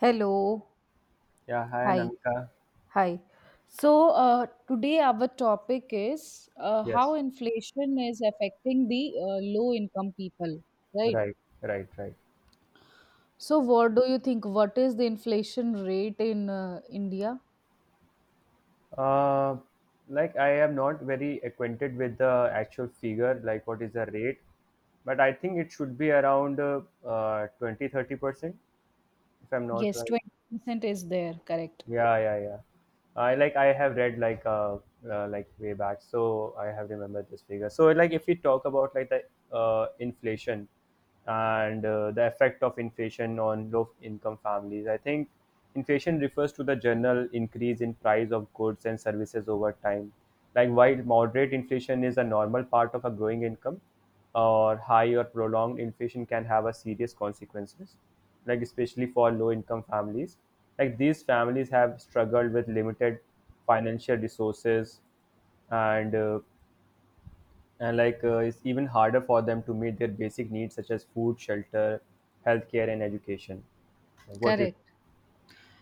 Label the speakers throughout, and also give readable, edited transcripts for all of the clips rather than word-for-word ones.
Speaker 1: Hello.
Speaker 2: Yeah, hi
Speaker 1: Hi.
Speaker 2: Namika.
Speaker 1: Hi. So, today our topic is how
Speaker 2: Yes,
Speaker 1: inflation is affecting the low income people, right?
Speaker 2: right, right, right.
Speaker 1: So, what do you think? What is the inflation rate in India?
Speaker 2: Uh, like I am not very acquainted with the actual figure, like what is the rate, but I think it should be around 20 percent if I'm not
Speaker 1: Yes,
Speaker 2: right.
Speaker 1: 20% is there, correct.
Speaker 2: Yeah, yeah, yeah. I like I have read like way back, so I have remembered this figure. So like if we talk about like the inflation and the effect of inflation on low income families, I think inflation refers to the general increase in price of goods and services over time. Like while moderate inflation is a normal part of a growing income, or high or prolonged inflation can have a serious consequences, like especially for low income families, like these families have struggled with limited financial resources, and uh, and it's even harder for them to meet their basic needs such as food, shelter, healthcare, and education. Like, what you think?
Speaker 1: Correct.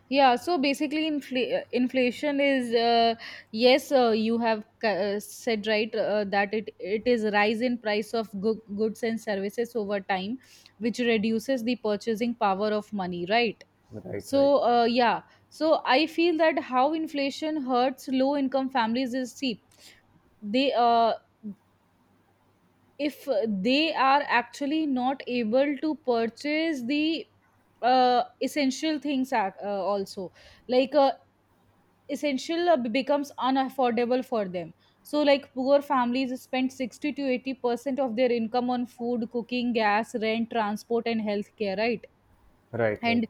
Speaker 1: Yeah, so basically, inflation is, yes, you have said right, that it is rise in price of goods and services over time, which reduces the purchasing power of money, right?
Speaker 2: Right,
Speaker 1: So,
Speaker 2: right,
Speaker 1: yeah, so I feel that how inflation hurts low income families is, see they, if they are actually not able to purchase the essential things, also, like essential becomes unaffordable for them. So like poor families spend 60 to 80% of their income on food, cooking gas, rent, transport and healthcare, right?
Speaker 2: right, right,
Speaker 1: and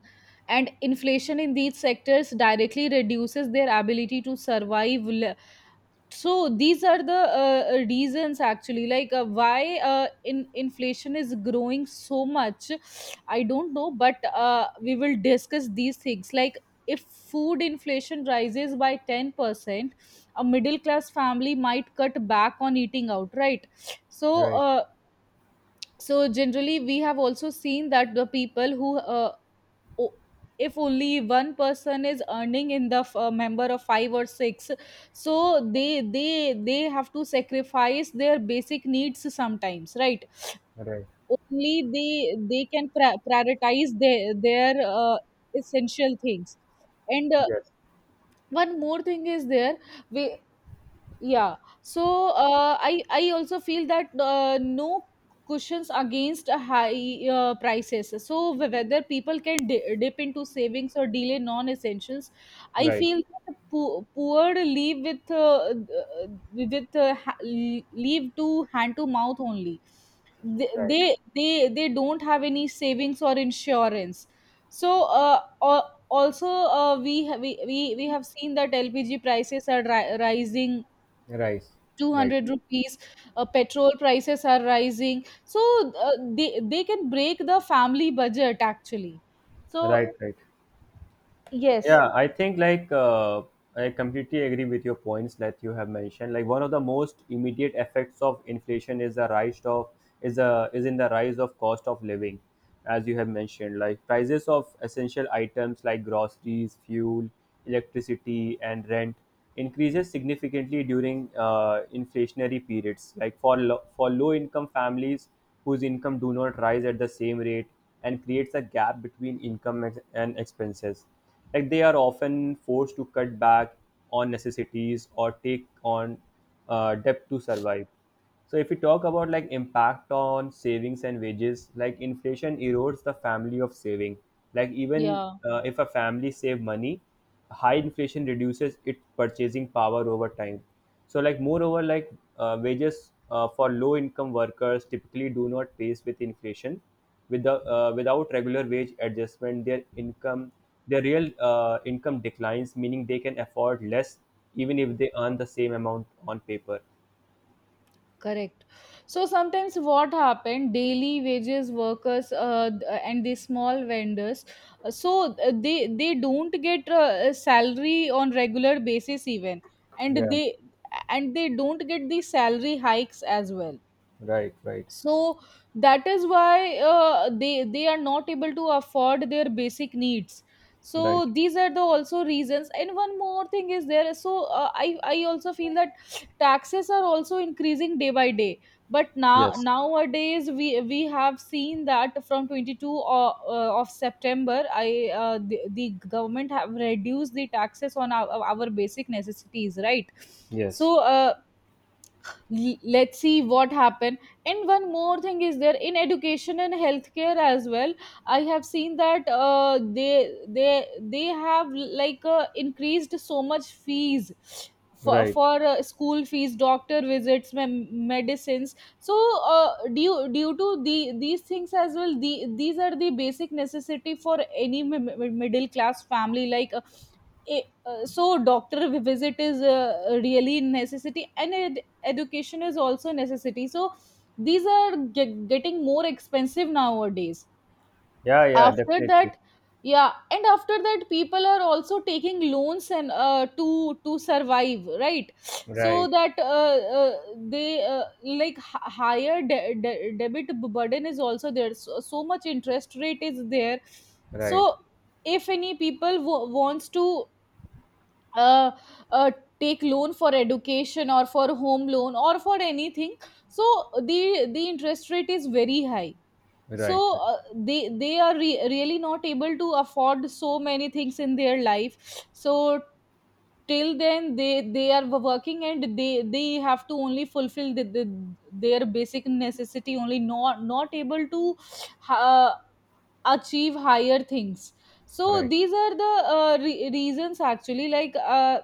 Speaker 1: and inflation in these sectors directly reduces their ability to survive. So these are the reasons, actually, like why, in inflation is growing so much. I don't know, but we will discuss these things, like if food inflation rises by 10%, a middle class family might cut back on eating out, right? so
Speaker 2: right,
Speaker 1: uh, so generally we have also seen that the people who, o- if only one person is earning in the member of five or six, so they have to sacrifice their basic needs sometimes, right?
Speaker 2: right,
Speaker 1: Only they can prioritize their essential things. And
Speaker 2: yes,
Speaker 1: one more thing is there. we, yeah, so I also feel that, no cushions against a high prices, so whether people can dip into savings or delay non essentials. I
Speaker 2: right,
Speaker 1: feel that the poor leave with, uh, leave to hand to mouth only. they
Speaker 2: right,
Speaker 1: they they, they don't have any savings or insurance. So also, we have seen that LPG prices are rising
Speaker 2: right, right,
Speaker 1: ₹200. Uh, petrol prices are rising, so uh, they can break the family budget, actually. So
Speaker 2: right, right.
Speaker 1: yes.
Speaker 2: yeah I think like I completely agree with your points that you have mentioned. Like one of the most immediate effects of inflation is the rise of is a is in the rise of cost of living. As you have mentioned, like prices of essential items like groceries, fuel, electricity, and rent increases significantly during inflationary periods, like for for low income families whose income do not rise at the same rate, and creates a gap between income and expenses. Like they are often forced to cut back on necessities or take on debt to survive. So if we talk about like impact on savings and wages, like inflation erodes the family of saving. Like even
Speaker 1: Yeah.
Speaker 2: if a family save money, high inflation reduces its purchasing power over time. So, moreover, wages for low income workers typically do not pace with inflation. With the, without regular wage adjustment, their income, their real income declines, meaning they can afford less even if they earn the same amount on paper.
Speaker 1: Correct. So sometimes what happened, daily wages workers, and the small vendors, so they don't get a salary on regular basis even. and
Speaker 2: Yeah,
Speaker 1: they and they don't get the salary hikes as well.
Speaker 2: right, right,
Speaker 1: So that is why they are not able to afford their basic needs.
Speaker 2: right.
Speaker 1: So these are the also reasons. And one more thing is there. So I also feel that taxes are also increasing day by day. But now
Speaker 2: Yes,
Speaker 1: nowadays we have seen that from 22nd of september, the government have reduced the taxes on our basic necessities, right?
Speaker 2: yes,
Speaker 1: So let's see what happened. And one more thing is there in education and healthcare as well. I have seen that they they have like increased so much fees for,
Speaker 2: right.
Speaker 1: for school fees, doctor visits, medicines. So due to these things as well, these are the basic necessity for any middle class family, Eh, so doctor visit is really necessity and education is also necessity. So these are getting more expensive nowadays.
Speaker 2: Yeah, yeah,
Speaker 1: After
Speaker 2: definitely.
Speaker 1: that. Yeah, and after that people are also taking loans and, to survive, right? So
Speaker 2: Right,
Speaker 1: that they, like higher debit burden is also there. So much interest rate is there.
Speaker 2: right,
Speaker 1: So if any people wants to uh, uh, take loan for education or for home loan or for anything, so the interest rate is very high. So
Speaker 2: right,
Speaker 1: they are really not able to afford so many things in their life. So till then they are working and they have to only fulfill their basic necessity only, not able to uh, achieve higher things.
Speaker 2: right,
Speaker 1: So
Speaker 2: right.
Speaker 1: these are the reasons, actually, like uh,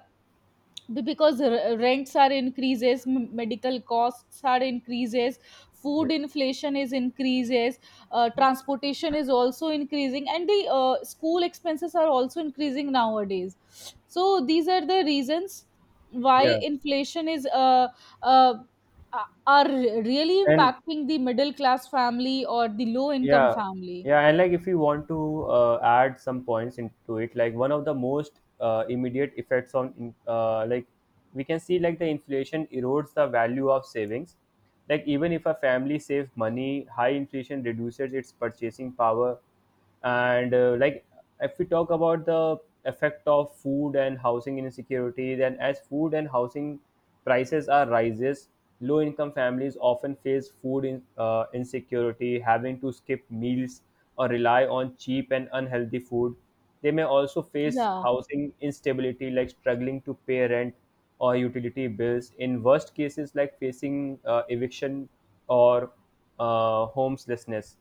Speaker 1: be- because rents are increases, medical costs are increases, food
Speaker 2: Yes,
Speaker 1: inflation is increases, transportation is also increasing and the school expenses are also increasing nowadays. So these are the reasons why
Speaker 2: yeah.
Speaker 1: inflation is uh, are really
Speaker 2: And
Speaker 1: impacting the middle class family or the low income
Speaker 2: yeah,
Speaker 1: family.
Speaker 2: yeah and like if you want to add some points into it, like one of the most immediate effects on in- like we can see, like the inflation erodes the value of savings, like even if a family saves money high inflation reduces its purchasing power. And if we talk about the effect of food and housing insecurity, then as food and housing prices are rises, low income families often face food insecurity, having to skip meals or rely on cheap and unhealthy food. They may also face
Speaker 1: Yeah,
Speaker 2: housing instability, like struggling to pay rent or utility bills, in worst cases like facing eviction or homelessness.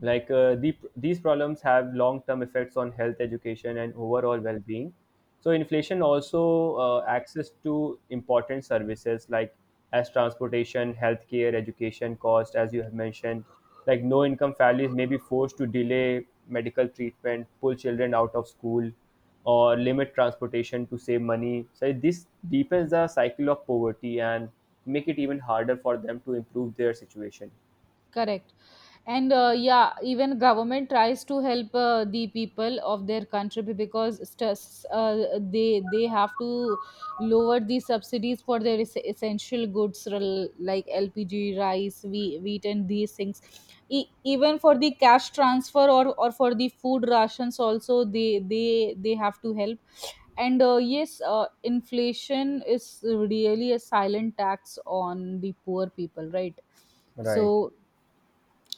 Speaker 2: Like these problems have long-term effects on health, education, and overall well-being. So inflation also access to important services like as transportation, healthcare, education cost, as you have mentioned. Like no income families may be forced to delay medical treatment, pull children out of school, or limit transportation to save money. So this deepens the cycle of poverty and make it even harder for them to improve their situation.
Speaker 1: correct. And yeah, even government tries to help the people of their country, because they have to lower the subsidies for their essential goods, like LPG, rice, wheat, and these things. Even for the cash transfer, or for the food rations also they have to help. And yes, inflation is really a silent tax on the poor people, right? So,
Speaker 2: Right.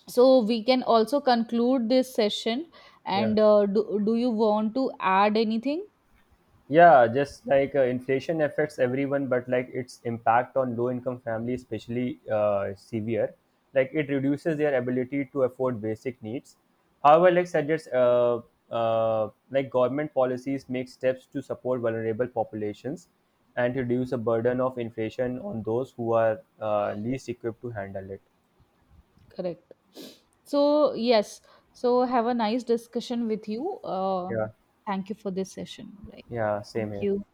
Speaker 1: so, we can also conclude this session.
Speaker 2: Yeah.
Speaker 1: And do you want to add anything?
Speaker 2: Yeah, just like inflation affects everyone, but like its impact on low income families, especially severe. Like it reduces their ability to afford basic needs. However, like suggests, like government policies make steps to support vulnerable populations and reduce the burden of inflation on those who are least equipped to handle it.
Speaker 1: Correct. So, yes. So, have a nice discussion with you.
Speaker 2: Yeah,
Speaker 1: Thank you for this session. Right.
Speaker 2: yeah, same
Speaker 1: Thank
Speaker 2: here.
Speaker 1: you.